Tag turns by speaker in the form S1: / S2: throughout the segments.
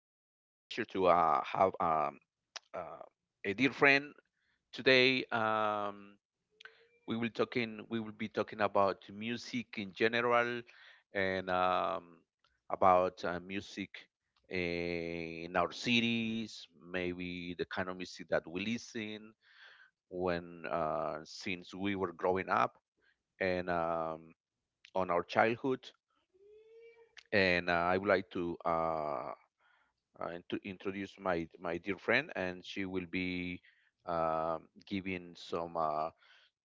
S1: to have uh, a dear friend today. We will talking. We will be talking about music in general and about music in our cities. Maybe the kind of music that we listen when since we were growing up and on our childhood. And I would like to and to introduce my dear friend, and she will be giving some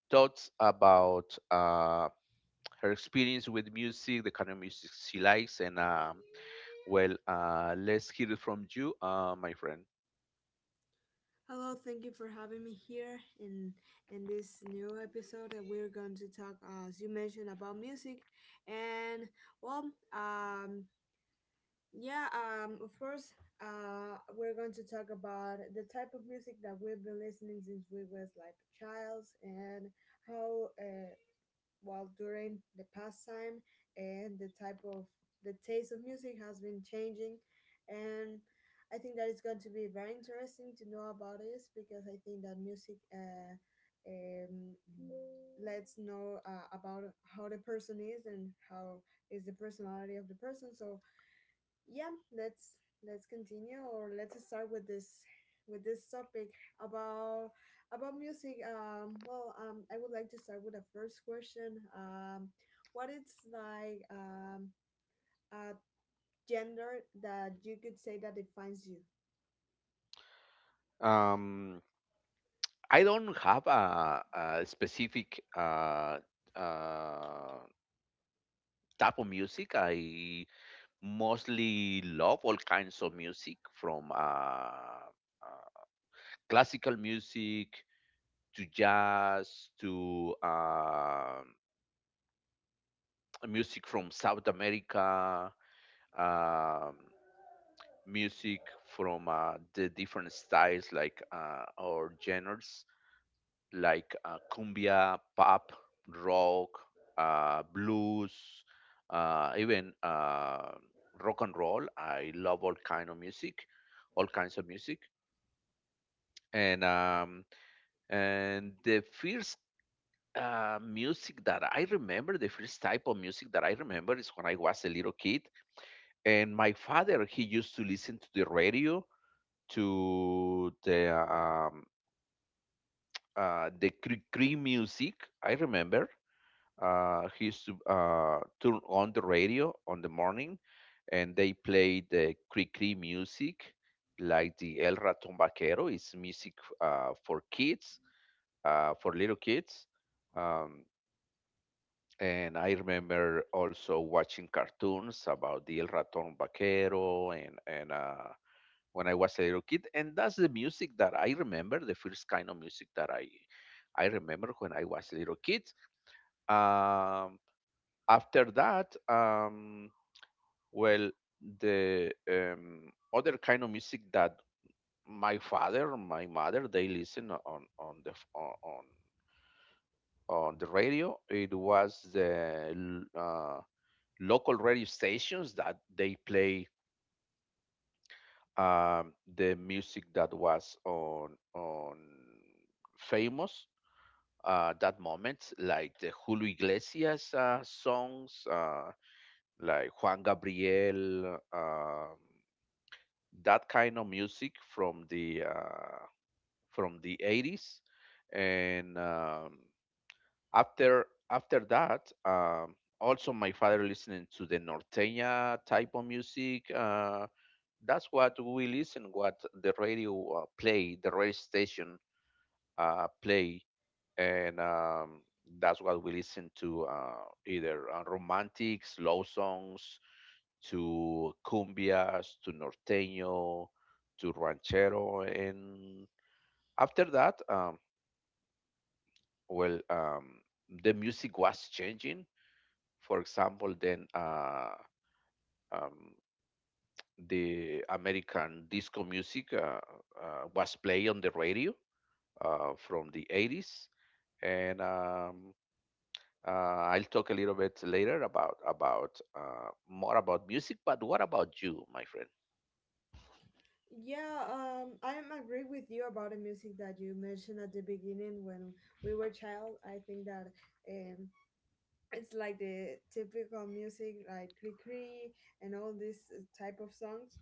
S1: thoughts about her experience with music, the kind of music she likes, and let's hear it from you, my friend.
S2: Hello, thank you for having me here in this new episode that we're going to talk, as you mentioned, about music, and well, yeah, of course, we're going to talk about the type of music that we've been listening since we was like childs, and how while during the pastime and the type of the taste of music has been changing. And I think that it's going to be very interesting to know about this because I think that music, um, lets know, about how the person is and how is the personality of the person. So yeah, let's let's continue, or let's start with this, with this topic about about music. Well, I would like to start with the first question. What is like, a gender that you could say that defines you?
S1: Um, I don't have a specific uh, type of music. I mostly love all kinds of music from. uh, classical music to jazz to music from South America, um, music from the different styles or genres like cumbia, pop, rock, blues, even rock and roll. I love all kinds of music, and um, and the first music that I remember, the first type of music that I remember is when I was a little kid, and my father he used to listen to the radio to the cri cri music. I remember he used to turn on the radio on the morning, and they played the cri cri music, like the El Ratón Vaquero. It's music for kids, for little kids. Um, And I remember also watching cartoons about the El Ratón Vaquero and when I was a little kid, and that's the music that I remember, the first kind of music that I remember when I was a little kid. Um, after that, um, well, the other kind of music that my father, my mother, they listen on on the radio. It was the l- local radio stations that they play the music that was on famous that moment, like the Julio Iglesias songs, like Juan Gabriel, that kind of music from the 80s, and after after that. Also, my father listening to the norteña type of music, that's what we listen what the radio play the radio station play and that's what we listen to either romantic slow songs to cumbias to norteño to ranchero. And after that well The music was changing. For example, um, the american disco music was played on the radio from the 80s, and I'll talk a little bit later about more about music. But what about you, my friend?
S2: Yeah, I am agree with you about the music that you mentioned at the beginning when we were child. I think that, um it's like the typical music like cree cree and all this, type of songs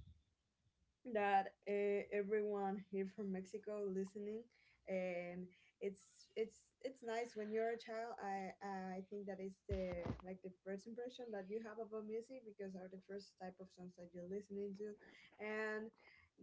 S2: that, everyone here from Mexico listening. And it's nice when you're a child. I think that is the, like the first impression that you have about music because are the first type of songs that you're listening to, and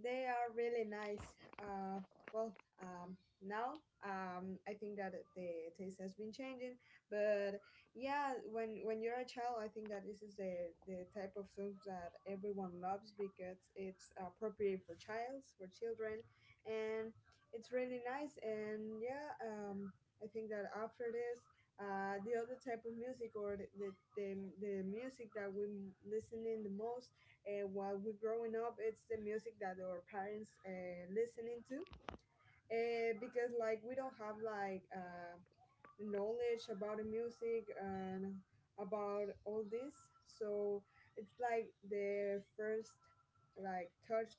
S2: they are really nice. uh, now, I think that the taste has been changing, but yeah, when you're a child, I think that this is the type of songs that everyone loves because it's appropriate for childs, for children, and it's really nice. And yeah, I think that after this, the other type of music, or the, the music that we listening the most, while we're growing up, it's the music that our parents, listening to. Because like we don't have like, knowledge about the music and about all this. So it's like the first, like touch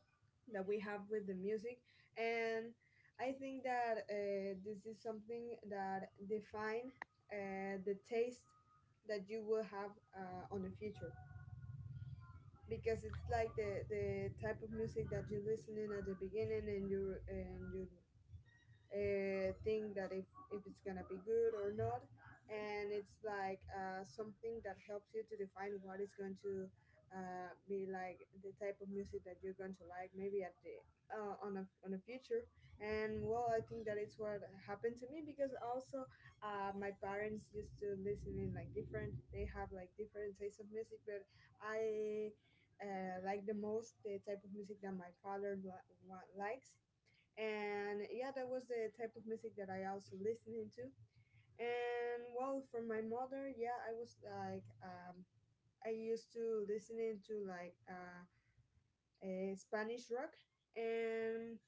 S2: that we have with the music, and I think that, this is something that define, the taste that you will have, on the future, because it's like the type of music that you're listening at the beginning, and you think that if it's gonna be good or not. And it's like, something that helps you to define what is going to, be like the type of music that you're going to like maybe at the, on a future. And well, I think that it's what happened to me, because also, my parents used to listen in like different, they have like different tastes of music. But I, like the most the type of music that my father likes, and yeah, that was the type of music that I also listening to. And well, for my mother, yeah, I was like, I used to listening to like, a Spanish rock. And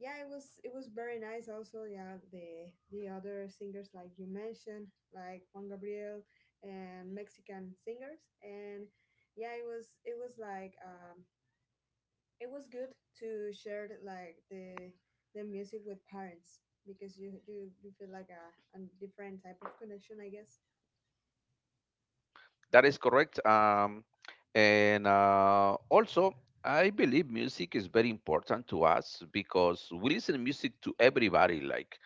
S2: yeah, it was very nice. Also, yeah, the other singers like you mentioned, like Juan Gabriel and Mexican singers. And yeah, it was like, it was good to share like the music with parents, because you feel like a different type of connection I guess.
S1: That is correct. And also, I believe music is very important to us because we listen to music to everybody. Like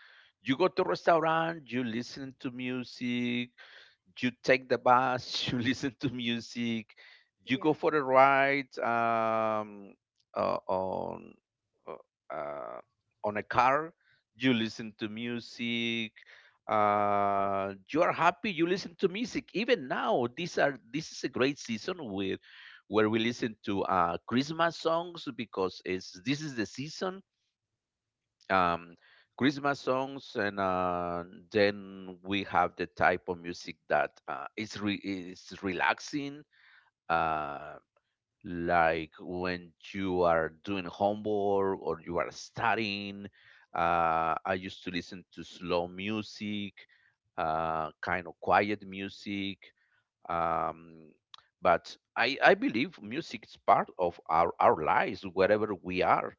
S1: you go to a restaurant, you listen to music. You take the bus, you listen to music, you
S2: Yeah.
S1: go for a ride uh, on uh, uh, on a car, you listen to music. You are happy. You listen to music. Even now, these are this is a great season where we listen to Christmas songs because it's this is the season, um, Christmas songs, and then we have the type of music that is relaxing, uh, like when you are doing homework or you are studying. I used to listen to slow music, kind of quiet music, um, but I believe music is part of our lives wherever we are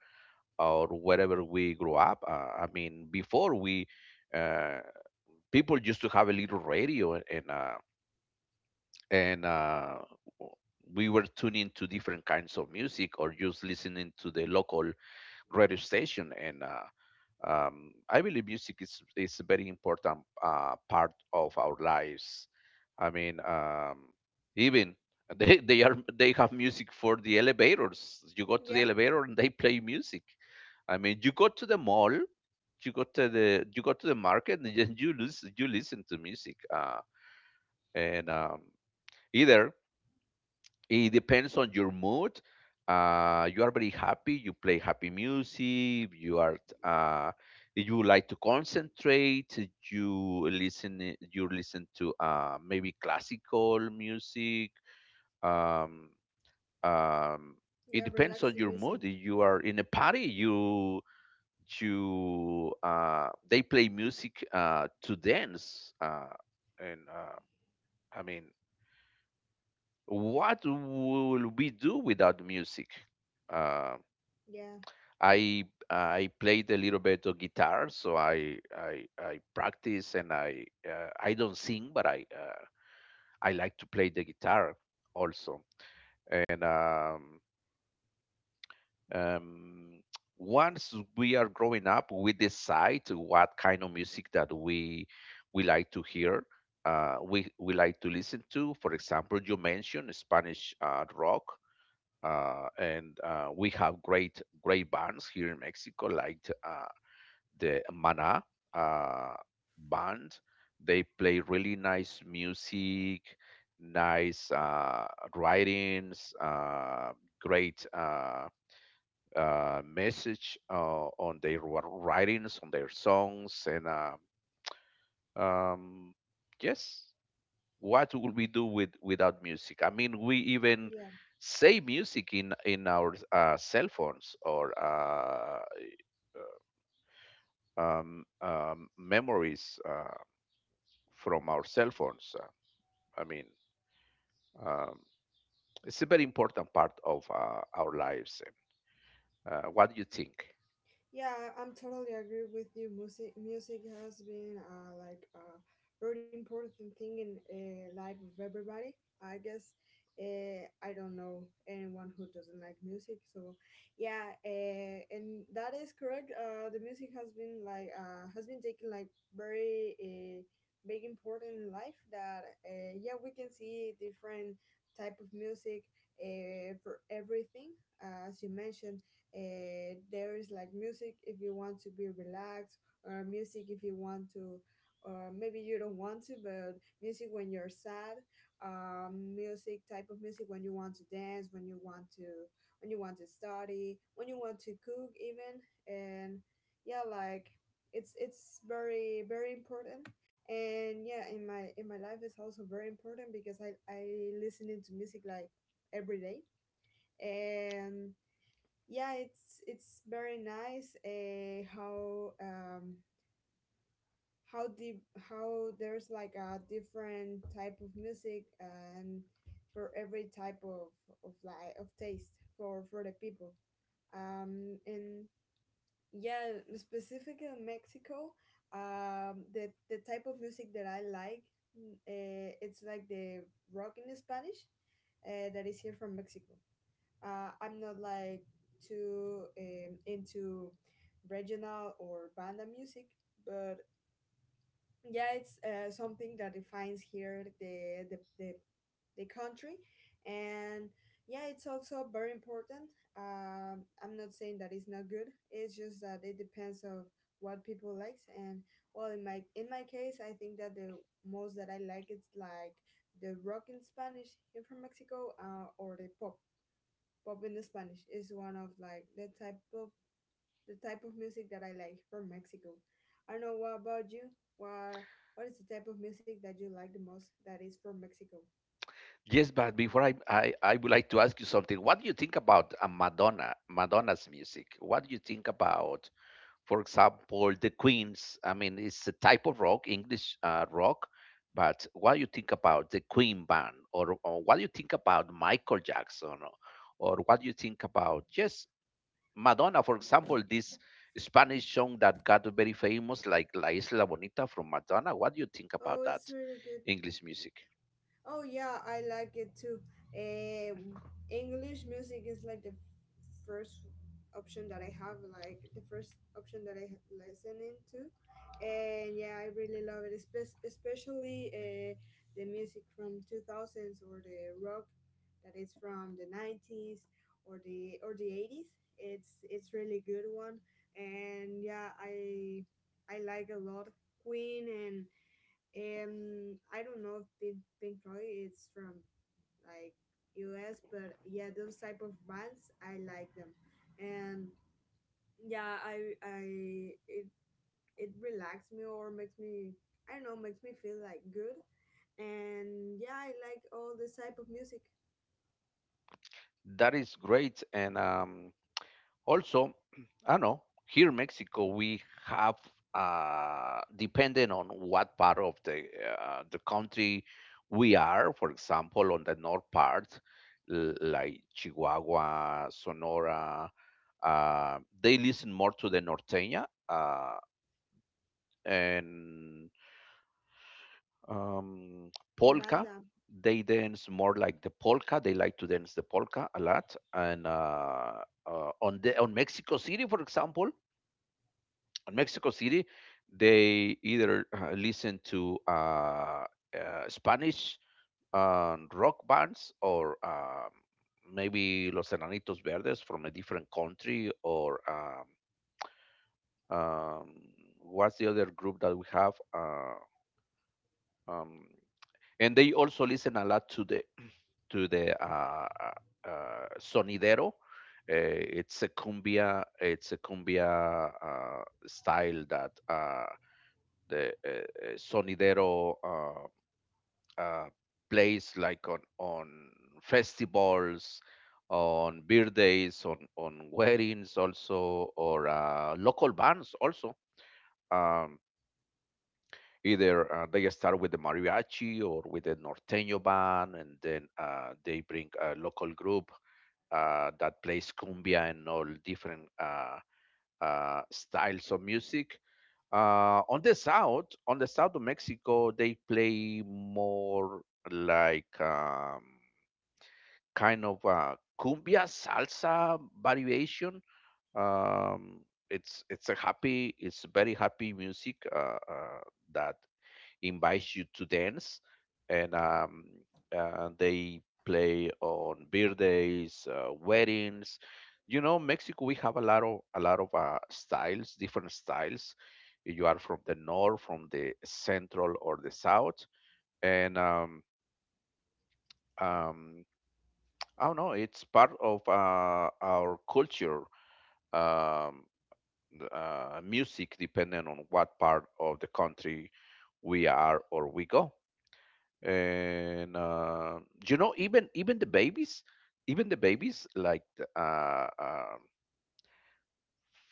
S1: or wherever we grew up. I mean, before we uh, people used to have a little radio and we were tuning to different kinds of music or just listening to the local radio station. And I believe music is a very important part of our lives. I mean, even they have music for the elevators. You go to the
S2: yeah
S1: elevator and they play music. I mean, you go to the mall, you go to the market, and then you listen to music. And Either it depends on your mood. You are very happy. You play happy music. You are uh, you like to concentrate. You listen to maybe classical music. Um, um,
S2: yeah
S1: it depends on
S2: Relaxing
S1: your
S2: music.
S1: mood. If you are in a party, you to they play music to dance. And I mean, what will we do without music? uh,
S2: Yeah.
S1: I played a little bit of guitar, so I practice and I don't sing, but I like to play the guitar also. And um, Once we are growing up, we decide what kind of music that we like to hear, we like to listen to. For example, you mentioned Spanish rock, and we have great bands here in Mexico, like uh, the Mana uh, band. They play really nice music, nice writings, great message on their writings, on their songs, and um, yes, what would we do without music? I mean, we even
S2: Yeah.
S1: say music in our cell phones or memories from our cell phones. I mean, um, it's a very important part of our lives. What do you think?
S2: Yeah, I'm totally agree with you. Music has been, like a very important thing in, life of everybody, I guess. I don't know anyone who doesn't like music. So yeah, and that is correct. The music has been like, has been taken like very, big important in life. That, yeah, we can see different type of music, for everything, as you mentioned. There is like music if you want to be relaxed, or music if you want to, or maybe you don't want to, but music when you're sad, music type of music when you want to dance, when you want to, when you want to study, when you want to cook even. And yeah, like it's very very important. And yeah, in my, in my life is also very important because I listening to music like every day. And yeah, it's very nice, how, how deep, how there's like a different type of music, and for every type of like of taste for the people. And yeah, specifically in Mexico, the type of music that I like, it's like the rock in Spanish, that is here from Mexico. Uh, I'm not like too, into regional or banda music, but yeah, it's, something that defines here the the country, and yeah, it's also very important. Um, I'm not saying that it's not good, it's just that it depends of what people likes. And well, in my, in my case, I think that the most that I like is like the rock in Spanish here from Mexico, or the pop. Pop in the Spanish is one of like the type of, the type of music that I like from Mexico. I don't know what about you. What what is the type of music that you like the most that is from Mexico?
S1: Yes, but before I would like to ask you something. What do you think about Madonna's music? What do you think about, for example, the Queen's? I mean, it's a type of rock, English rock, but what do you think about the Queen band, or what do you think about Michael Jackson, or what do you think about just Madonna, for example, this Spanish song that got very famous, like La Isla Bonita from Madonna? What do you think
S2: Oh,
S1: about that
S2: it's really good.
S1: English music?
S2: Oh yeah, I like it too. Um, English music is like the first option that I have, like the first option that I listening to. And yeah, I really love it, especially, the music from 2000s, or the rock that is from the 90s, or the eighties. It's really good one. And yeah, I like a lot Queen, and, I don't know if Pink Floyd is from like US, but yeah, those type of bands I like them. And yeah, I it, it relaxes me, or makes me, I don't know, makes me feel like good. And yeah, I like all this type of music.
S1: That is great. And also, I know here in Mexico we have, depending on what part of the country we are. For example, on the north part, like Chihuahua, Sonora, they listen more to the norteña and um,
S2: And
S1: polka.
S2: Banda.
S1: They dance more like the polka. They like to dance the polka a lot. And on Mexico City, for example, in Mexico City, they either listen to Spanish rock bands or maybe Los Enanitos Verdes from a different country, or um, what's the other group that we have? Um, and they also listen a lot to the to the sonidero. It's a cumbia. It's a cumbia style that the sonidero uh, plays like on festivals, on birthdays, on weddings also, or local bands also. um, Either they start with the mariachi or with the norteño band, and then they bring a local group that plays cumbia and all different styles of music. On the south of Mexico, they play more like kind of a cumbia salsa variation. Um, it's a happy, it's very happy music that invites you to dance, and they play on birthdays, weddings. You know, Mexico, we have a lot of styles, different styles. If you are from the north, from the central, or the south, and um, I don't know. It's part of our culture. Um, Music, depending on what part of the country we are or we go. And You know, even even the
S2: yeah,
S1: babies like uh, uh,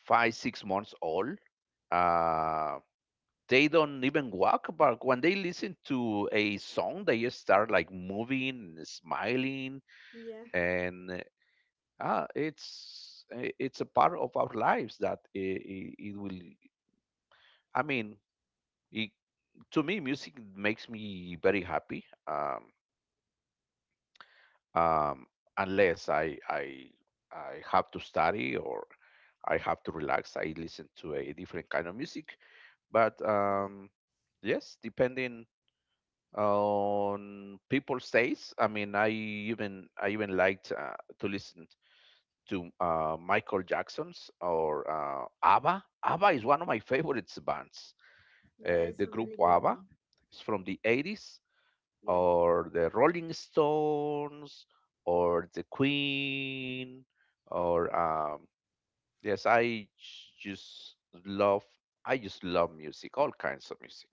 S1: 5 6 months old, uh, they don't even walk, but when they listen to a song they just start like moving, smiling,
S2: yeah,
S1: and it's it's a part of our lives that it will, I mean, it, to me music makes me very happy. Um, Unless I have to study or I have to relax, I listen to a different kind of music, but
S2: yeah,
S1: um, yes, depending on people's tastes. I mean, I even liked to listen to Michael Jackson's or ABBA. ABBA is one of my favorite bands.
S2: yeah it's
S1: The
S2: a
S1: group
S2: really good
S1: ABBA
S2: one.
S1: is from the 80s
S2: Yeah,
S1: or the Rolling Stones or the Queen or yes, just love I just love music, all kinds of music,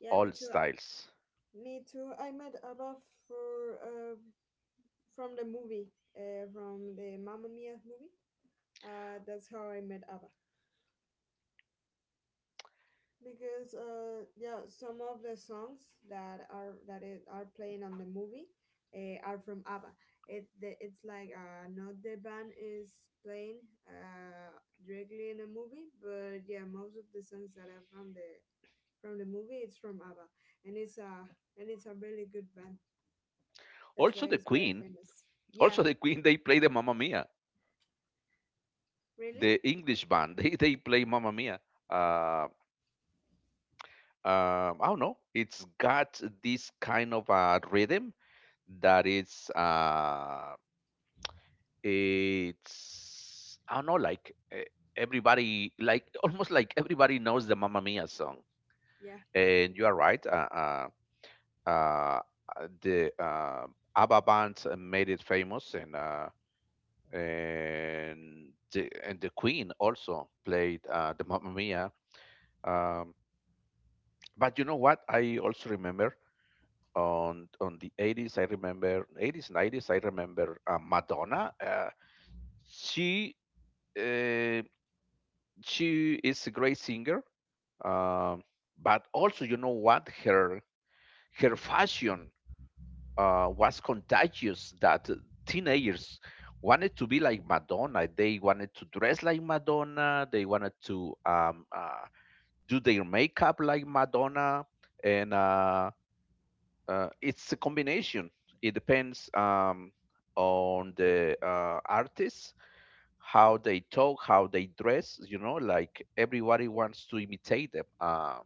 S2: yeah,
S1: all
S2: me too.
S1: styles.
S2: Me too. I met Abba for, from the movie, from the Mamma Mia movie. Uh, that's how I met ABBA, because, yeah, some of the songs that are, that it, are playing on the movie, are from ABBA. It the, it's like, not the band is playing, uh, directly in the movie, but yeah, most of the songs that are from the, from the movie it's from ABBA. And it's a and it's a really good band. That's
S1: Also
S2: why
S1: the
S2: it's very
S1: Queen,
S2: famous. Yeah.
S1: also the Queen they play the Mamma Mia,
S2: Really.
S1: the English band. They play Mamma Mia. Uh, I don't know. It's got this kind of a rhythm that is it's, I don't know, like everybody, like almost like everybody knows the Mamma Mia song.
S2: Yeah,
S1: And you are right. Uh, uh, the ABBA band made it famous, and and the Queen also played the Mamma Mia. Um, but you know what? I also remember on the 80s. I remember 80s, 90s. I remember Madonna. She. uh, she is a great singer, um, but also, you know what, her fashion, was contagious, that teenagers wanted to be like Madonna. They wanted to dress like Madonna. They wanted to, do their makeup like Madonna. And it's a combination. It depends, on the artist, how they talk, how they dress. You know, like everybody
S2: yeah,
S1: wants to imitate them.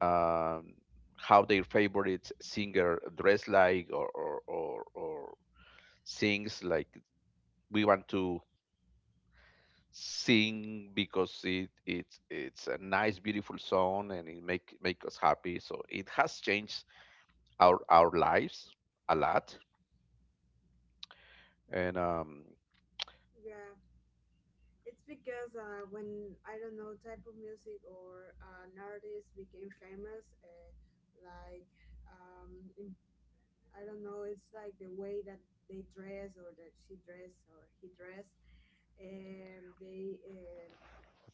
S1: um, how their favorite singer dress like, or sings like. We want to sing because it's a nice beautiful song, and it make make us happy, so it has changed our lives a lot, and
S2: yeah. It's because, when I don't know type of music or, an artist became famous, like, um, in, I don't know, it's like the way that they dress, or that she dress or he dress, and they,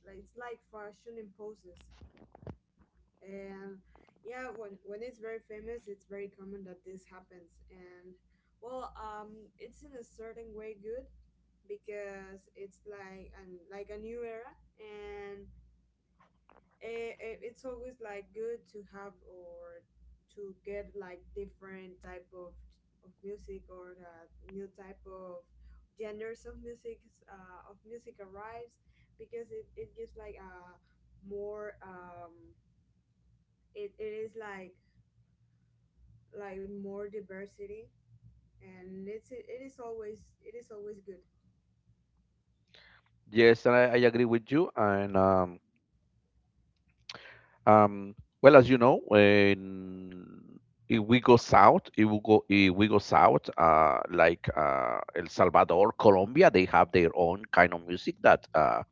S2: like it's like fashion imposes. And yeah, when it's very famous, it's very common that this happens. And well, it's in a certain way good because it's like an, like a new era. And I it's always like good to have, or to get like different type of music, or the new type of genders of music, of music arrives, because it gives like a more, it, it is like more diversity. And it is always good.
S1: yes, and I agree with you, and Um, well, as you know, when, if we go south, if we go south, like El Salvador, Colombia, they have their own kind of music, that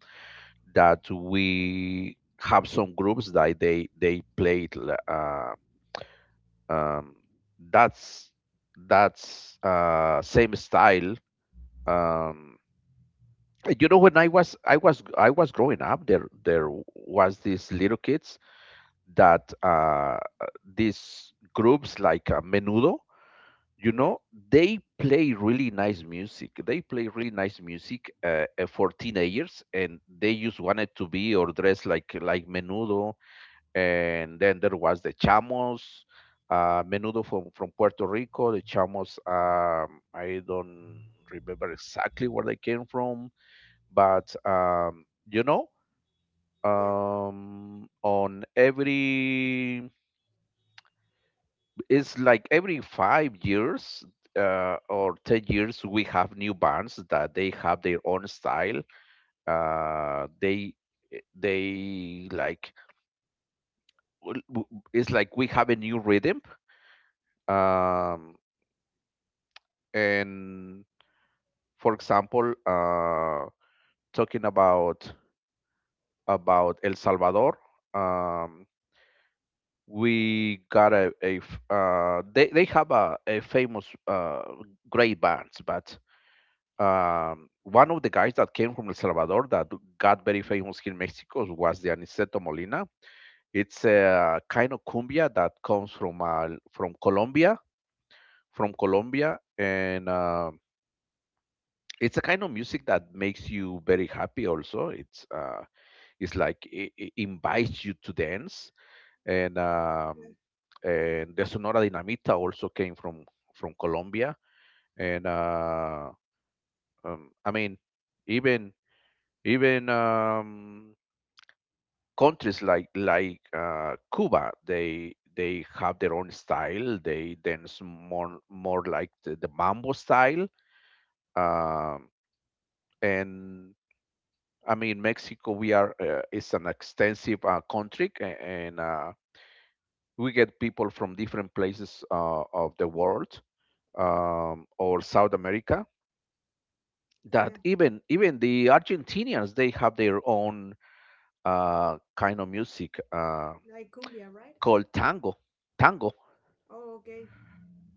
S1: that we have some groups that they played. Um, that's that's same style. Um, you know, when I was growing up, there was these little kids that these groups like Menudo, you know,
S2: Yeah.
S1: they play really nice music. They play really nice music, for teenagers, and they just wanted to be or dress like Menudo. And then there was the Chamos, Menudo from Puerto Rico. The Chamos, I don't remember exactly where they came from, but you know,
S2: Yeah.
S1: on every, it's like every 5 years or 10 years we have new bands that they have their own style. uh, they they like, w- w- it's like we have a new rhythm, um, and for example, talking about El Salvador. um, we got a f- They have a famous, great bands, but one of the guys that came from El Salvador, that got very famous here in Mexico, was the Aniceto Molina. It's a kind of cumbia that comes from from Colombia, and it's a kind of music that makes you very happy. Also, it invites you to dance, and
S2: Yeah.
S1: um, and the Sonora Dinamita also came from Colombia, and I mean, even even countries like Cuba, they have their own style. They dance more like the mambo style. Um, and I mean, Mexico, we are, it's an extensive country, and we get people from different places, of the world, or South America.
S2: Yeah,
S1: That even the Argentinians, they have their own kind of music,
S2: like cumbia right.
S1: called tango. Tango,
S2: Oh okay.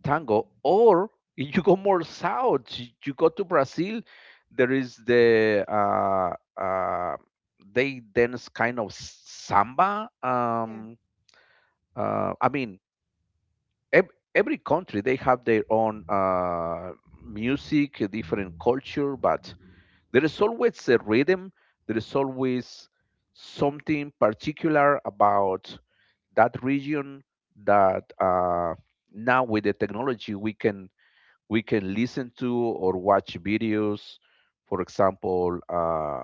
S1: or you go more south, you go to Brazil. There is the uh, they dance kind of samba.
S2: Yeah.
S1: I mean, every country, they have their own music, a different culture, but there is always a rhythm. There is always something particular about that region that, now with the technology, we can, listen to or watch videos. For example, uh,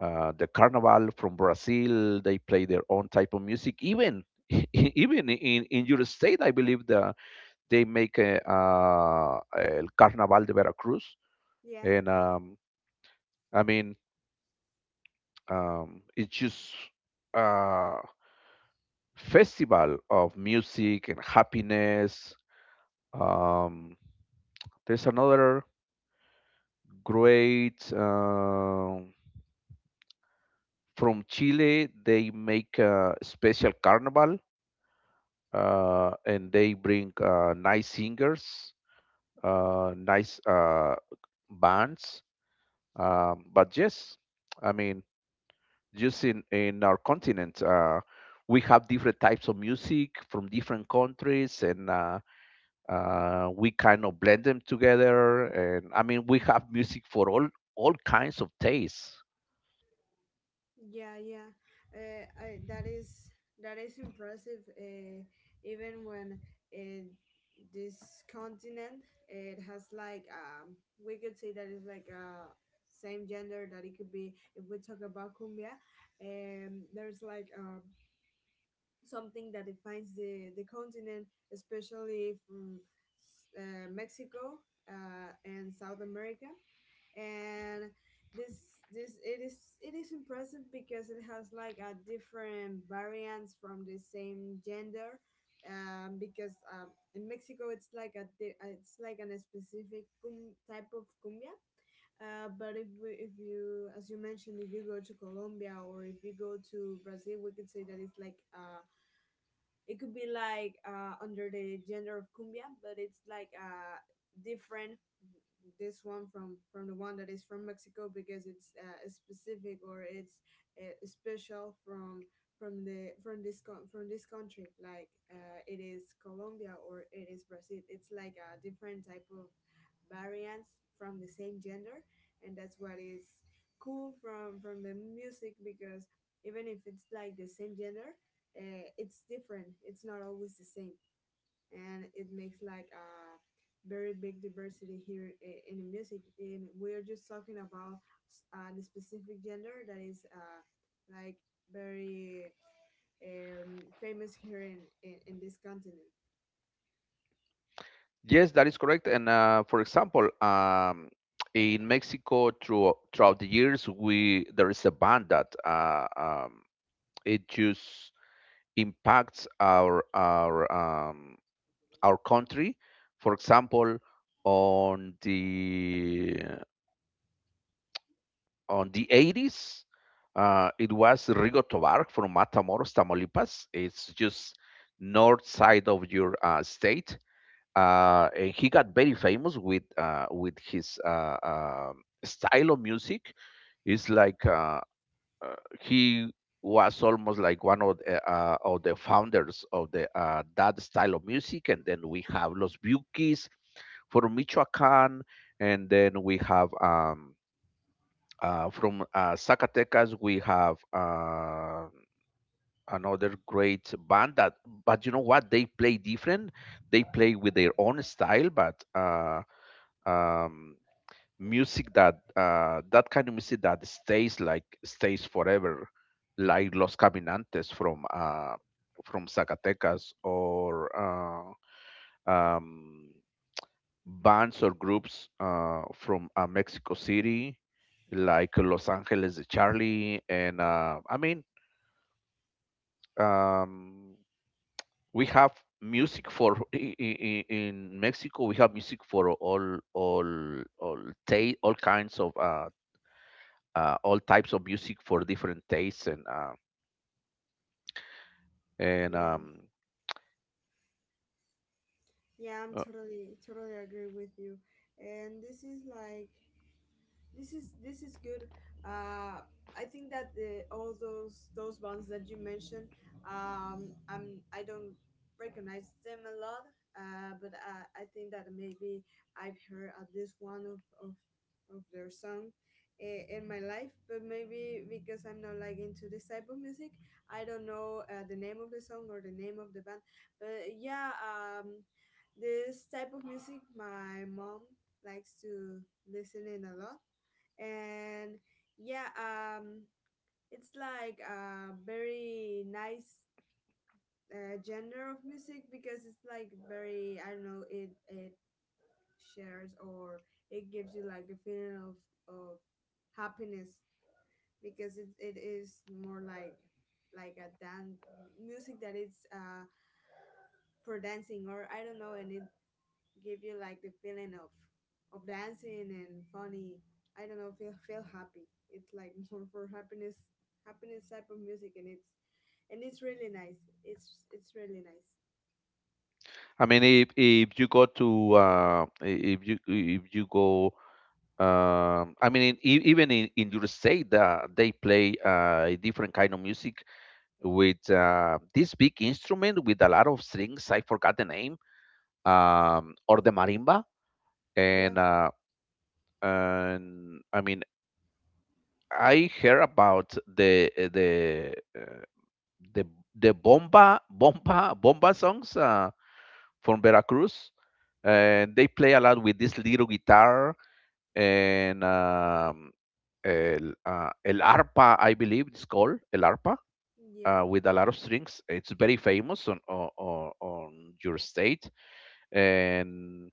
S1: uh, the Carnival from Brazil, they play their own type of music. Even even in your state, I believe, they make a, El Carnaval de Veracruz.
S2: yeah
S1: And I mean, it's just a festival of music and happiness. Um, there's another great. From Chile, they make a special carnival, and they bring nice singers, nice bands. But yes, I mean, just in our continent, we have different types of music from different countries, and we kind of blend them together. And I mean, we have music for all kinds of tastes.
S2: yeah yeah I, that is, that is impressive, even when, uh, this continent it has like, we could say that it's like a same gender that it could be if we talk about cumbia. There's like, something that defines the continent, especially from, Mexico, and South America. And this it is, it is impressive because it has like a different variants from the same gender. Because, in Mexico it's like a it's like an specific type of cumbia. But if we, if you, as you mentioned, if you go to Colombia, or if you go to Brazil, we could say that it's like a, it could be like, under the gender of cumbia, but it's like, different this one from the one that is from Mexico, because it's, specific, or it's, special from the, from this from this country, like, it is Colombia, or it is Brazil. It's like a different type of variants from the same gender. And that's what is cool from the music, because even if it's like the same gender, it's different. It's not always the same. And it makes like a very big diversity here, in the music. And we're just talking about the specific gender that is like very famous here in this continent.
S1: Yes, that is correct. And for example, in Mexico, throughout the years, we there is a ban that, it just impacts our our country. For example, on the on the 80s, it was Rigo Tobar from Matamoros, Tamaulipas. It's just north side of your state, and he got very famous with, with his, style of music. It's like, uh, he was almost like one of the founders of the that style of music, and then we have Los Bukis from Michoacán, and then we have, from Zacatecas, we have another great band that, but you know what? They play different. They play with their own style, but um, music that, that kind of music that stays like stays forever, like Los Caminantes from Zacatecas, or um, bands or groups, from Mexico City, like Los Angeles de Charlie, and I mean, um, we have music for, in Mexico. We have music for all, ta all kinds of, all types of music for different tastes, and uh, and
S2: Yeah,
S1: um,
S2: yeah, I'm
S1: uh,
S2: totally agree with you, and this is like this is good. uh I think that all those bands that you mentioned, I don't recognize them a lot. But I think that maybe I've heard at least one of, of their song in my life, but maybe because I'm not like into this type of music, I don't know the name of the song or the name of the band. But yeah, this type of music my mom likes to listen in a lot. And yeah, it's like a very nice genre of music because it's like very, I don't know, it shares, or it gives you like a feeling of of happiness, because it is more like a dance music that it's for dancing, or I don't know, and it give you like the feeling of dancing and funny, I don't know, feel happy. It's like more for happiness. Happiness type of music, and it's really nice. It's really nice.
S1: I mean, if you go to, if you go I mean, even in your state, they play a different kind of music with, this big instrument with a lot of strings, I forgot the name, or the marimba,
S2: Yeah,
S1: and uh, and I mean, I heard about the the bomba bomba bomba songs, from Veracruz, and they play a lot with this little guitar, and el, el arpa, I believe it's called el arpa.
S2: yeah,
S1: With a lot of strings, it's very famous on your state, and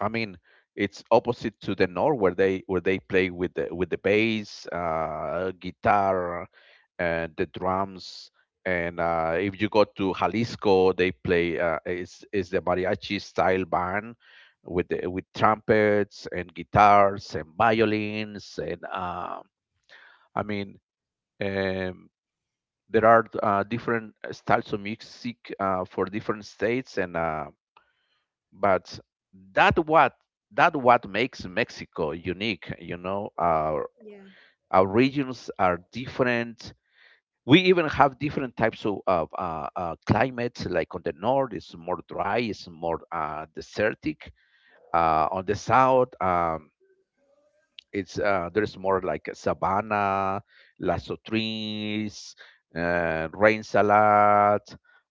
S1: I mean, it's opposite to the north, where they play with the bass, guitar, and the drums. And if you go to Jalisco, they play, is the mariachi style band with with trumpets and guitars and violins and, I mean, um, there are, different styles of music, for different states and. But that what that what makes Mexico unique. You know, our
S2: yeah,
S1: our regions are different. We even have different types of climates. Like on the north, it's more dry, it's more desertic. On the south, it's, there's more like sabana, lasso trees, rain salad.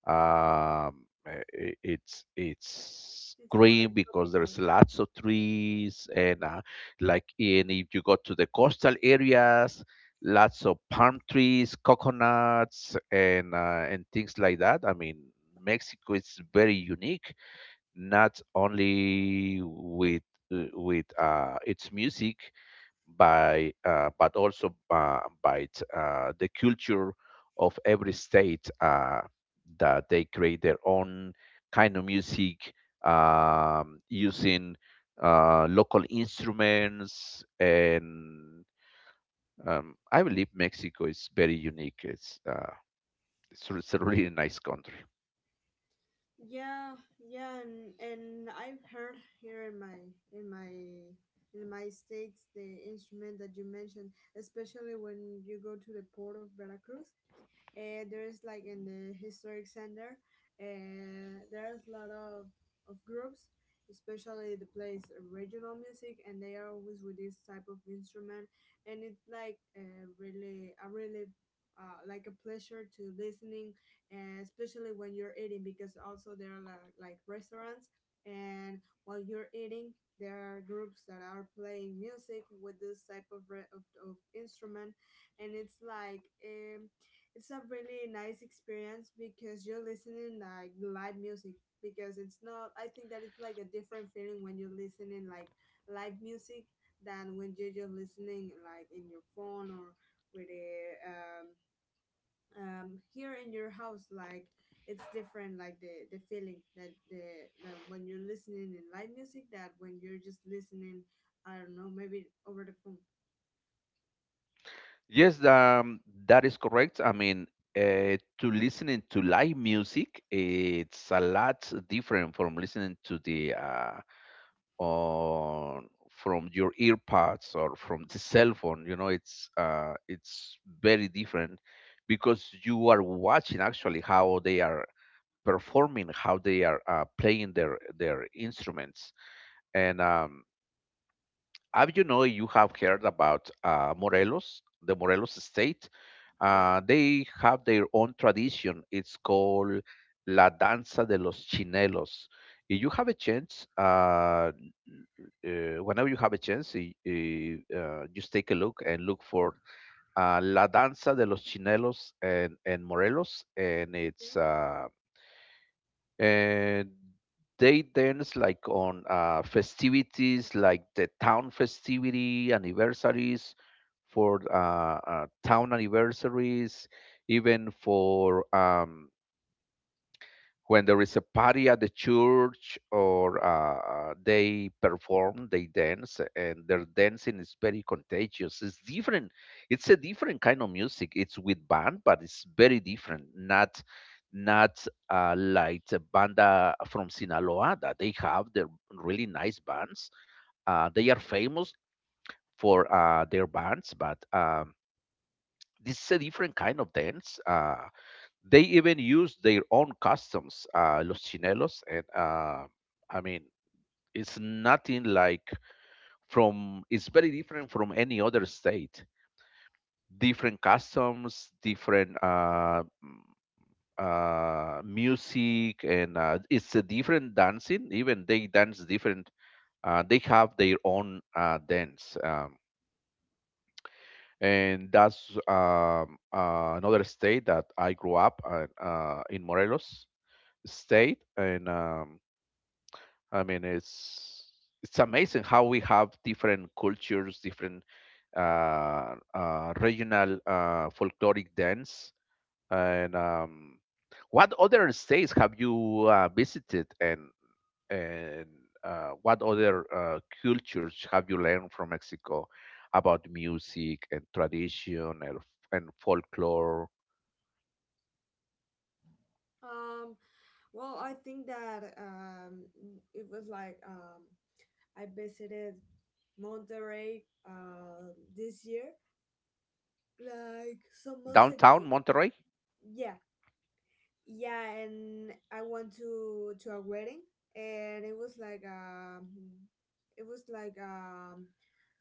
S1: Um, it's
S2: it's more
S1: green
S2: like
S1: because
S2: tropical.
S1: there's lots of trees, and like, and if you go to the coastal areas, lots of palm trees, coconuts, and and things like that. I mean, Mexico is very unique, not only with, its music, by but also, by the culture of every state, that they create their own kind of music, using local instruments, and I believe Mexico is very unique. It's a really nice country.
S2: Yeah, yeah, and I've heard here in my in my in my states, the instrument that you mentioned, especially when you go to the port of Veracruz. There's like in the historic center, there's a lot of groups, especially the plays regional music, and they are always with this type of instrument. And it's like really, a really like a pleasure to listening, especially when you're eating, because also there are like restaurants, and while you're eating, there are groups that are playing music with this type of instrument, and it's like. It's a really nice experience because you're listening like live music, because it's not, I think that it's like a different feeling when you're listening like live music than when you're just listening like in your phone, or with a here in your house, like it's different, like the feeling that the that when you're listening in live music that when you're just listening, I don't know, maybe over the phone.
S1: Yes, that is correct. I mean, uh, to listening to live music, it's a lot different from listening to the, on from your earpods, or from the cell phone. You know, it's very different, because you are watching actually how they are performing, how they are, playing their instruments. And I, you know, you have heard about, Morelos, the Morelos state.
S2: Yeah,
S1: They have their own tradition. It's called La Danza de los Chinelos. If you have a chance, whenever you have a chance, just take a look and look for, La Danza de los Chinelos, and Morelos, and
S2: okay.
S1: it's, and they dance like on, festivities, like the town festivity anniversaries, for, town anniversaries, even for, when there is a party at the church, or, they perform, they dance, and their dancing is very contagious. It's different. It's a different kind of music. It's with band, but it's very different, not like the banda from Sinaloa, that they have their really nice bands. They are famous for, their bands, but this is a different kind of dance. They even use their own customs, los chinelos, and I mean, it's nothing like from. It's very different from any other state. Different customs, different, music, and it's a different dancing. Even they dance different. They have their own dance. And that's, another state that I grew up, in Morelos state, and I mean, it's amazing how we have different cultures, different, regional, folkloric dance. And What other states have you visited, and what other cultures have you learned from Mexico about music and tradition and folklore?
S2: um Well, I think that it was like I visited Monterey this year, like some months ago.
S1: Downtown Monterrey.
S2: Yeah, yeah, and I went to a wedding, and it was like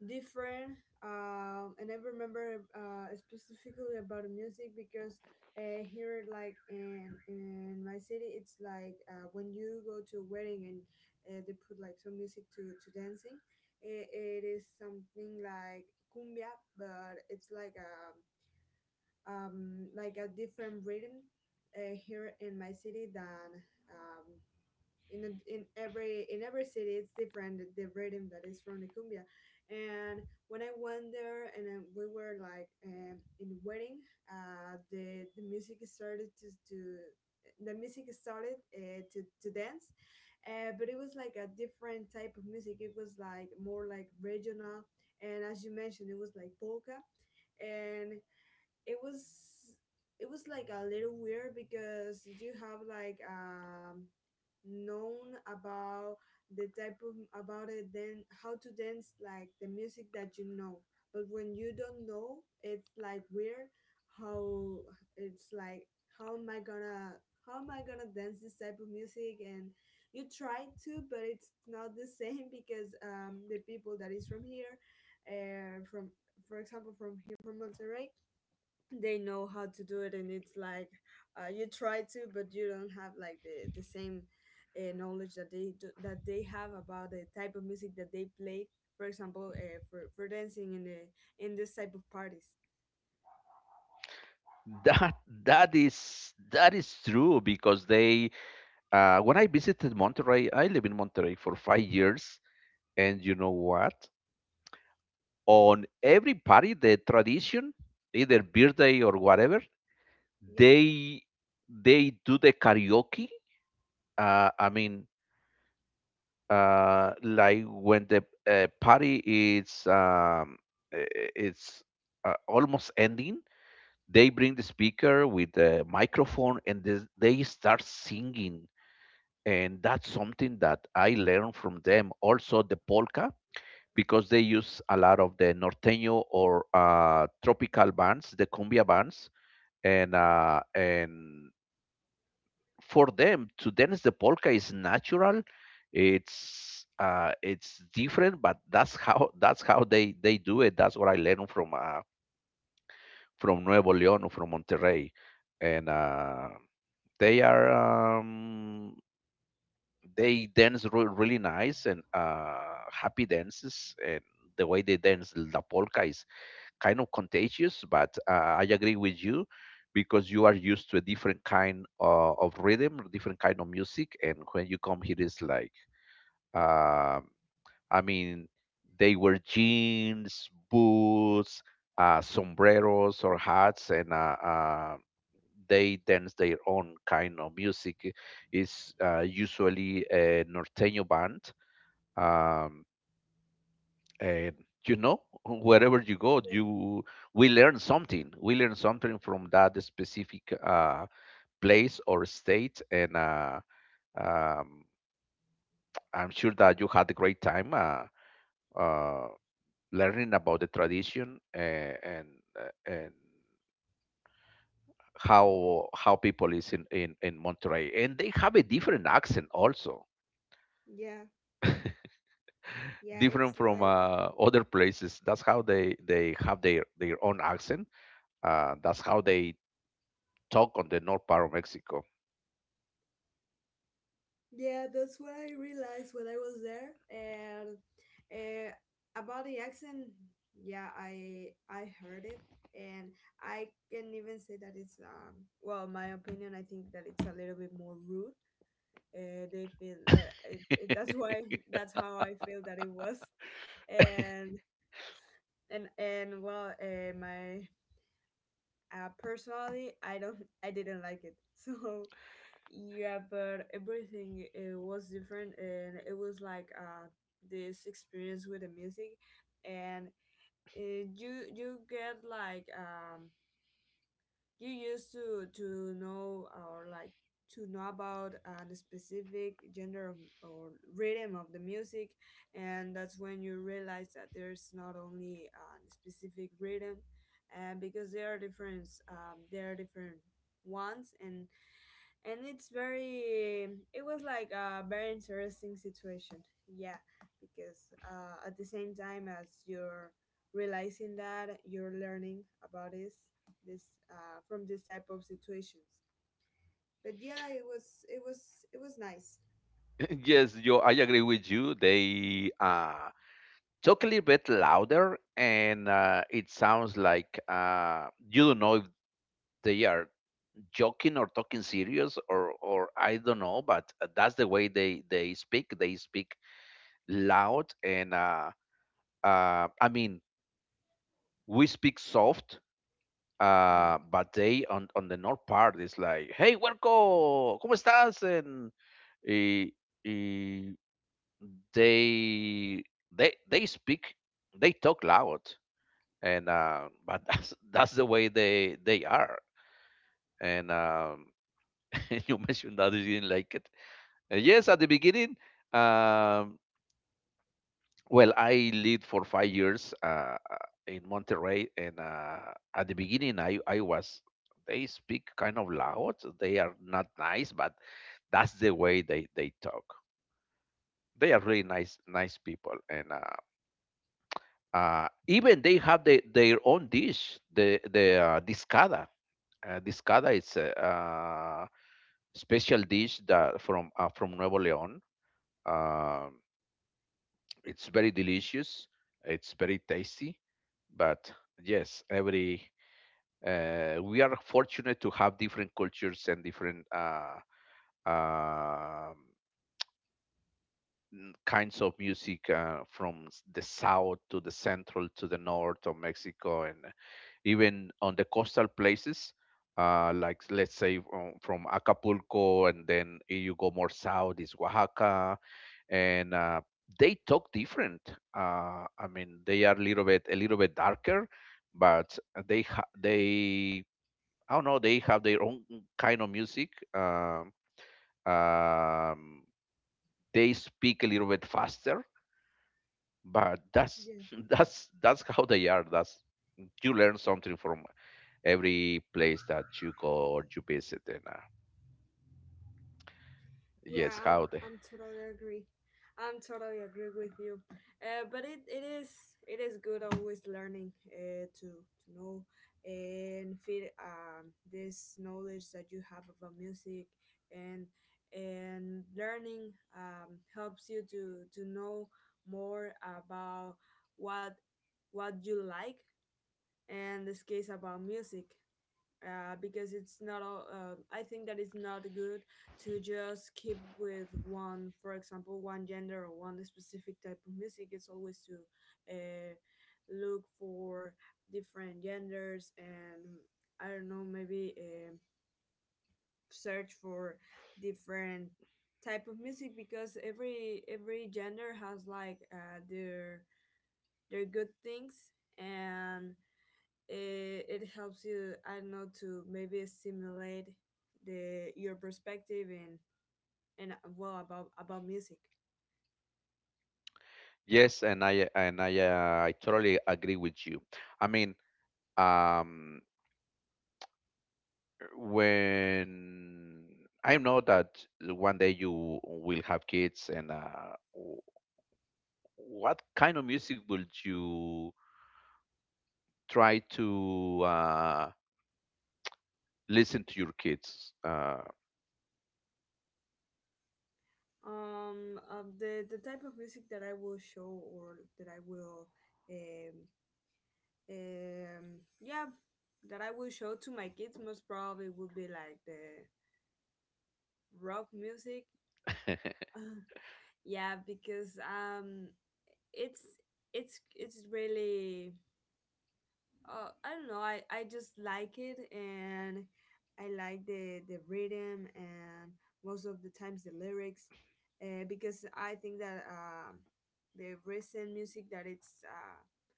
S2: different. And I remember specifically about the music, because here like in my city it's like when you go to a wedding and they put like some music to dancing. It is something like cumbia, but it's like a different rhythm here in my city than um, in a, in every city it's different the rhythm that is from the cumbia. And when I went there and then we were like in a wedding, the music started to the music started to dance. But it was like a different type of music. It was like more like regional, and as you mentioned it was like polka. And it was it was like a little weird because you have like known about the type of about it then how to dance like the music that you know, but when you don't know it's like weird, how it's like how am I gonna how am I gonna dance this type of music. And you try to, but it's not the same, because the people that is from here, from for example from here from Monterrey, they know how to do it, and it's like you try to, but you don't have like the same knowledge that they do, that they have about the type of music that they play, for example for dancing in the in this type of parties.
S1: That that is true because they. When I visited Monterrey, I live in Monterrey for 5 years, and you know what? On every party, the tradition, either birthday or whatever,
S2: Yeah,
S1: they they do the karaoke. Uh, I mean, like when the party is it's almost ending, they bring the speaker with the microphone and this- they start singing, and that's something that I learned from them. Also, the polka. Because they use a lot of the norteño or tropical bands, the cumbia bands, and for them to dance the polka is natural. It's different, but that's how they do it. That's what I learned from Nuevo León or from Monterrey, and they are they dance really nice and happy dances, and the way they dance la polka is kind of contagious, but I agree with you because you are used to a different kind of rhythm, different kind of music, and when you come here, it's like, um, I mean, they wear jeans, boots, sombreros or hats, and they dance their own kind of music. It's usually a norteño band. Um, uh, you know, wherever you go,
S2: yeah,
S1: you we learn something from that specific place or state, and um, I'm sure that you had a great time uh, learning about the tradition and how people is in Monterey, and they have a different accent also,
S2: yeah, yeah,
S1: different
S2: it's
S1: from
S2: like.
S1: other places. That's how they have their own accent. That's how they talk on the north part of Mexico.
S2: Yeah, that's what I realized when I was there. And uh, about the accent, yeah, I heard it, and I can even say that it's well, my opinion, I think that it's a little bit more rude. They feel that that's why that's how I feel that it was. And well, my personally, I didn't like it. So yeah, but everything it was different, and it was like this experience with the music. And uh, you you get like you used to know or like to know about the specific gender or rhythm of the music, and that's when you realize that there's not only the specific rhythm. And because there are different ones. And it's very, it was like a very interesting situation, yeah, because at the same time as you're realizing that you're learning about this from this type of situations. But yeah, it was it was nice.
S1: Yes, yo, I agree with you. They talk a little bit louder, and it sounds like you don't know if they are joking or talking serious, or I don't know. But that's the way they speak. They speak loud, and uh, I mean, we speak soft.
S2: Yeah.
S1: But they on the north part is like, hey, huerco, ¿cómo estás? And y, they they speak, they talk loud, and but that's the way they are. And you mentioned that you didn't like it. Yes, at the beginning, um, well, I lived for 5 years in Monterrey, and at the beginning I was, they speak kind of loud, they are not nice, but that's the way they talk. They are really nice people, and even they have their own dish, the discada. Discada is a special dish that from Nuevo León. Um, it's very delicious. It's very tasty. But yes, every we are fortunate to have different cultures and different uh, kinds of music from the south to the central to the north of Mexico, and even on the coastal places like, let's say from Acapulco, and then you go more south is Oaxaca, and they talk different. They are a little bit darker, but they ha- they I don't know they have their own kind of music. um, um, they speak a little bit faster, but that's
S2: Yeah.
S1: that's how they are. That's, you learn something from every place that you go or you visit. And yes,
S2: Yeah,
S1: how
S2: I'm
S1: the
S2: I'm totally agree. I'm totally agree with you. But it, it is good always learning to know and feed, this knowledge that you have about music. and and learning, helps you to know more about what what you like, and this case about music. Uh, because it's not all, I think that it's not good to just keep with one, for example one gender or one specific type of music. It's always to uh, look for different genders. And I don't know, maybe search for different type of music, because every gender has like their good things. And it helps you, I don't know, to maybe stimulate the your perspective and well about music.
S1: yes, and I totally agree with you. I mean, um, when I know that one day you will have kids, and what kind of music will you try to listen to your kids?
S2: The type of music that I will show, or that I will um, yeah, that I will show to my kids most probably would be like the rock music. Yeah, because it's it's really. I don't know. I just like it, and I like the rhythm, and most of the times the lyrics, because I think that the recent music that it's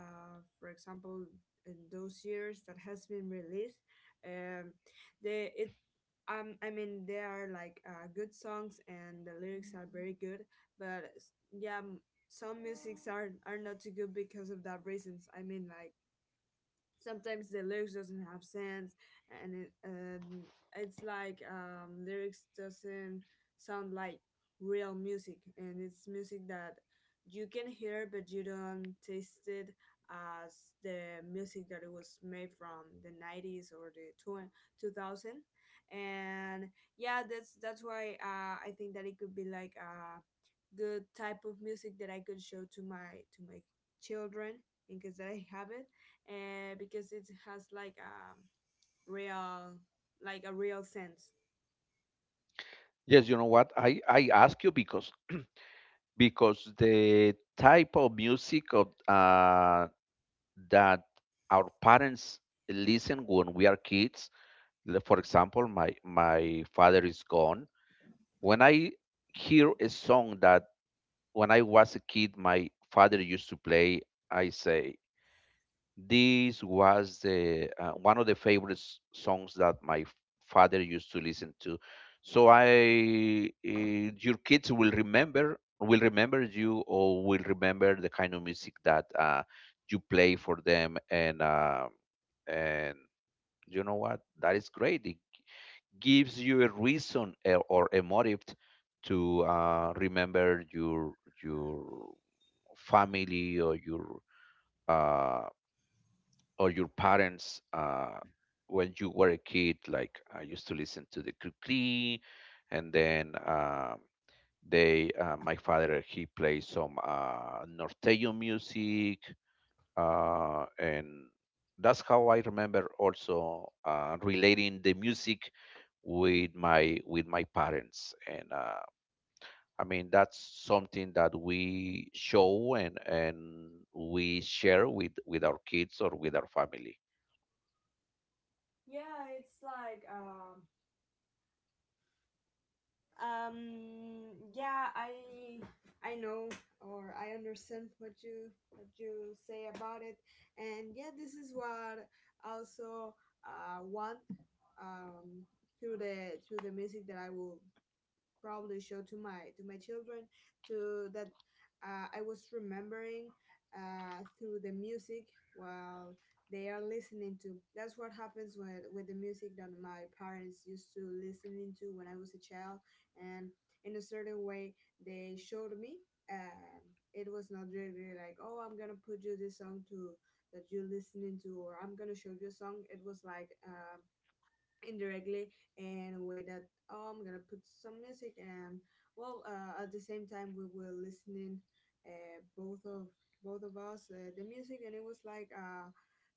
S2: for example in those years that has been released, um, the it I mean there are like good songs and the lyrics are very good. But yeah, some musics are not too good because of that reasons. I mean like sometimes the lyrics doesn't have sense. And it, it's like lyrics doesn't sound like real music, and it's music that you can hear but you don't taste it, as the music that it was made from the 90s or the 2000. And yeah, that's why I think that it could be like a good type of music that I could show to my children, in case that I have it, because it has real like a real sense.
S1: Yes, you know what? I ask you because the type of music of that our parents listen when we are kids. Like, for example, my father is gone. When I hear a song that, when I was a kid my father used to play, I say, this was the one of the favorite songs that my father used to listen to. So I, your kids will remember, will remember you, or will remember the kind of music that you play for them, and and you know what? That is great. It gives you a reason, eh, or a motive to remember your your family uh, or your parents when you were a kid. Like, I used to listen to the kukli, and then they my father, he plays some norteño music, and that's how I remember also relating the music with my parents. And that's something that we show, and we share with our kids or with our family.
S2: Yeah, it's like yeah, I know or I understand what you say about it. And yeah, this is what also want, um through the music that I will probably show to my children, to that, I was remembering through the music while they are listening to. That's what happens with the music that my parents used to listening to when I was a child. And in a certain way they showed me. Um, it was not really like, oh, I'm gonna put you this song to that you're listening to, or I'm gonna show you a song. It was like. Indirectly, and a way that oh, I'm gonna put some music. And well, at the same time we were listening, uh, both of both of us, the music. And it was like a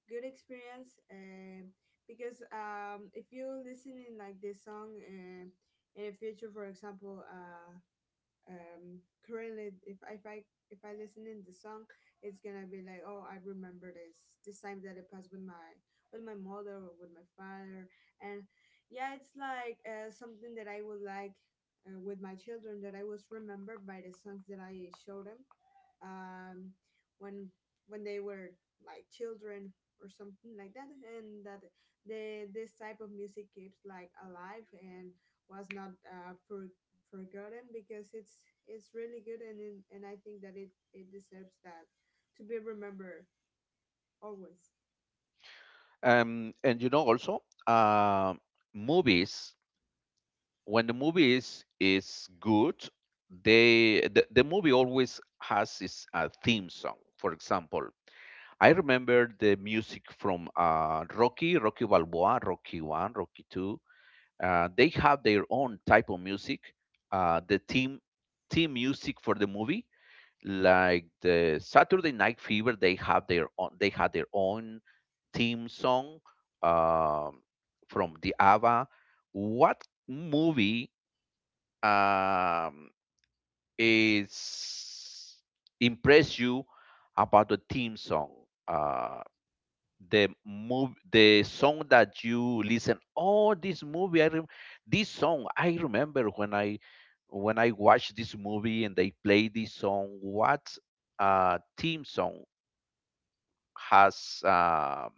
S2: good experience, because if you listening like this song, in the future for example, um currently, if I listen in the song, it's gonna be like oh, I remember this time that it passed with my mother or with my father. And yeah, it's like something that I would like, with my children that I was remembered by the songs that I show them, um, when when they were like children, or something like that. And that the this type of music keeps like alive, and was not forgotten, because it's really good. And and I think that it deserves that to be remembered always.
S1: And you know also movies, when the movies is good, they, the movie always has its theme song. For example, I remember the music from rocky balboa rocky 1 rocky 2. They have their own type of music, the theme, theme music for the movie, like the Saturday Night Fever. They have their own, they had their own theme song, um, from the ABBA. What movie, um, is impress you about the theme song? Uh, the song that you listen, oh, this movie I this song I remember when I, when I watched this movie and they play this song. What theme song has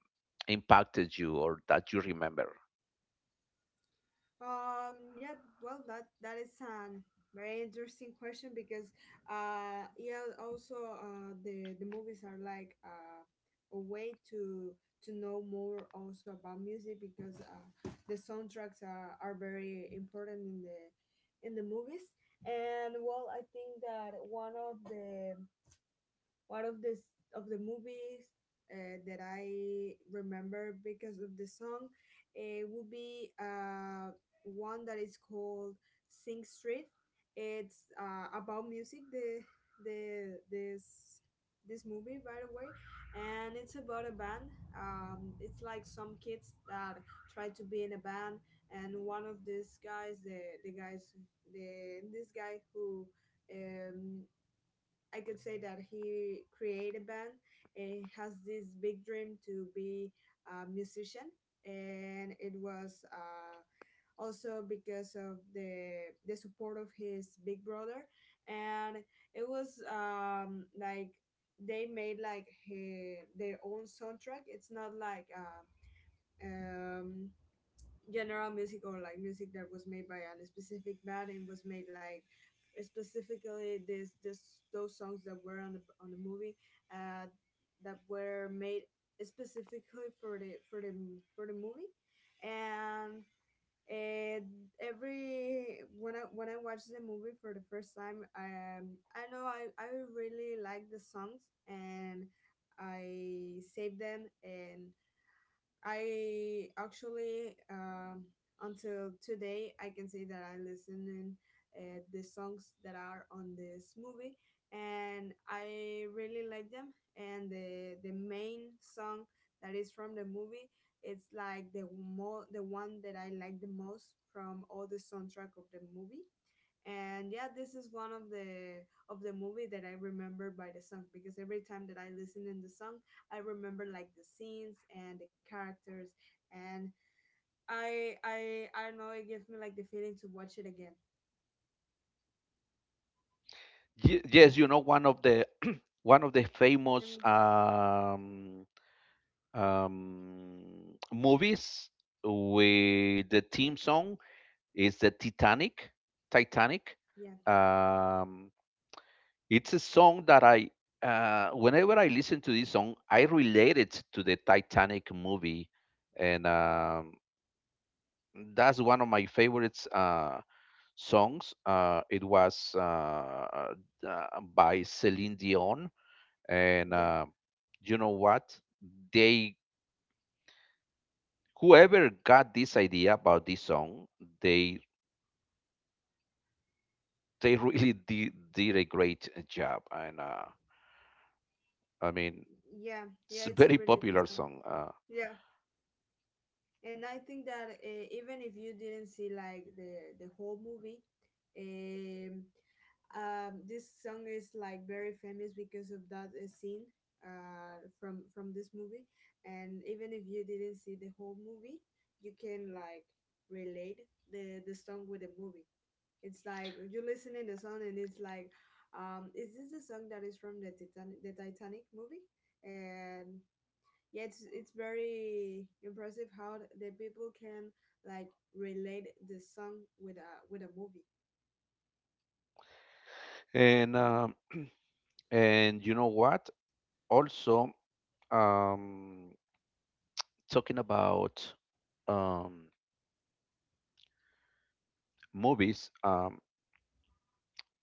S1: impacted you or that you remember?
S2: Yeah, well, that is an very interesting question because, yeah, also the movies are like a way to know more also about music because the soundtracks are very important in the movies and well, I think that one of the one of this movies that I remember because of the song would be one that is called Sing Street. It's about music. The this this movie, by the way, and it's about a band. It's like some kids that try to be in a band, and one of these guys, the guys, the this guy who um, I could say that he created a band and has this big dream to be a musician. And it was also because of the support of his big brother, and it was like they made their own soundtrack. It's not like um, general music or like music that was made by a specific band and was made like specifically this this those songs that were on the movie uh, that were made specifically for the for the movie and and every when I watched the movie for the first time, I know I really like the songs and I saved them and I actually until today I can say that I listen in the songs that are on this movie, and I really like them. And the main song that is from the movie, it's like the one that I like the most from all the soundtrack of the movie and yeah, this is one of the movie that I remember by the song because every time that I listen in the song I remember like the scenes and the characters and I don't know, it gives me like the feeling to watch it again
S1: Yes, you know, one of the one of the famous
S2: and
S1: movies with the theme song is the Titanic. Titanic.
S2: yeah
S1: Um, it's a song that I, whenever I listen to this song, I relate it to the Titanic movie, and that's one of my favorites songs. It was uh, by Celine Dion, and
S2: yeah
S1: you know what? They whoever got this idea about this song, they they really did a great job, and I mean,
S2: yeah
S1: it's
S2: yeah
S1: a
S2: it's a
S1: very
S2: really good
S1: popular
S2: song.
S1: song.
S2: Yeah, and I think that even if you didn't see like the whole movie, um, this song is like very famous because of that scene from this movie. And even if you didn't see the whole movie, you can like relate the song with the movie. It's like you listen in the song and it's like, is this the song that is from the Titanic movie? And yeah, it's very impressive how the people can like relate the song with a movie.
S1: And um, and you know what? Also, um, talking about um, movies,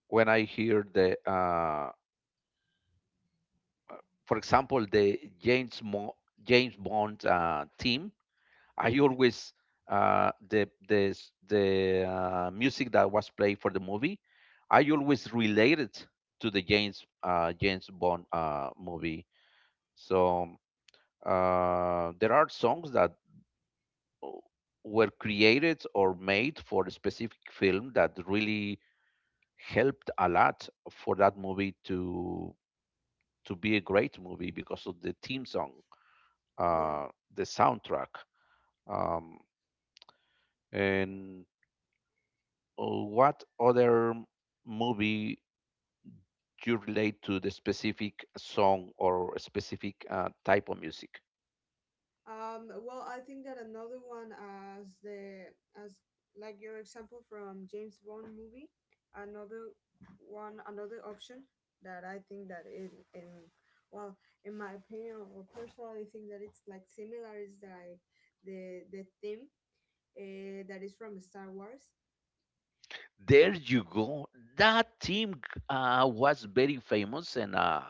S1: when I hear the, for example, the James James Bond theme, I
S2: yeah
S1: always the music that was played for the movie, I always related to the James James Bond movie. So. There are songs that uh, were created or made for a specific film that really helped a lot for that movie to be a great movie because of the theme song,
S2: yeah
S1: uh, the soundtrack, um, and what other movie you relate to the specific song or a specific type of music?
S2: Well, I think that another one as the as like your example from James Bond movie, another one, another option that I think that well in my opinion, or personally think that it's like similar, is like the theme that is from Star Wars.
S1: There you go. That team was very famous, and uh,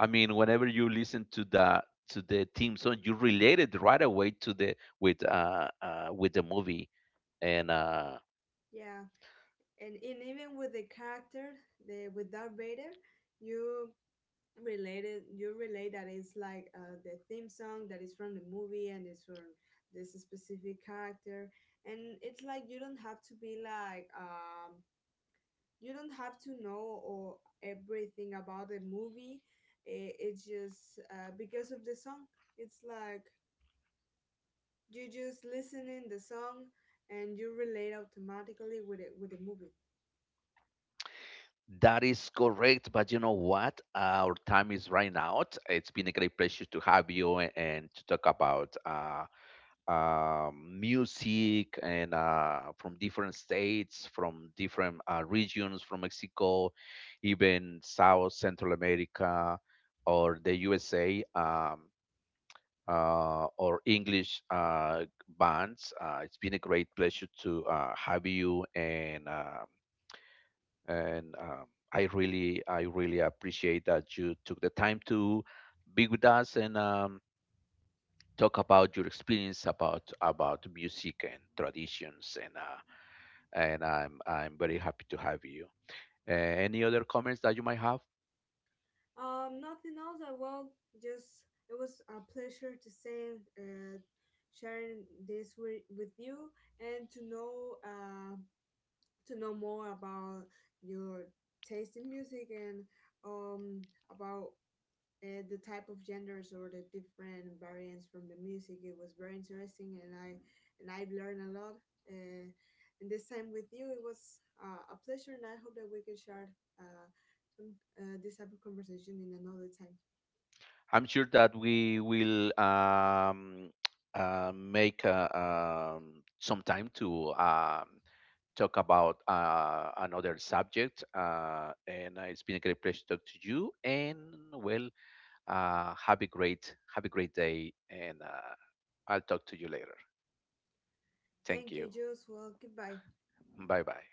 S1: I mean, whenever you listen to the team song, you relate it right away to the with the movie, and
S2: Yeah, and even with the character, the with Darth Vader, you you relate that it's like the theme song that is from the movie and it's from this specific character, and it's like you don't have to be like you don't have to know or everything about the movie. It's just because of the song. It's like you just listening the song and you relate automatically with it with the movie.
S1: that is correct. But you know what? Our time is running out. It's been a great pleasure to have you, and to talk about music and from different states, from different regions, from Mexico, even South Central America or the USA, or English bands. It's been a great pleasure to have you, and I really appreciate that you took the time to be with us, and talk about your experience about music and traditions, and and I'm very happy to have you. Any other comments that you might have?
S2: Nothing else. I Well, just it was a pleasure to say, uh, sharing this with you and to know more about your taste in music and about the type of genders or the different variants from the music. It was very interesting, and I learned a lot. Uh, and this time with you, it was a pleasure, and I hope that we can share uh, some this type of conversation in another time.
S1: I'm sure that we will make some time to talk about another subject. And it's been a great pleasure to talk to you. And well, have a great day, and I'll talk to you later. Thank
S2: Thank you,
S1: you.
S2: Jules. Well, goodbye.
S1: Bye bye.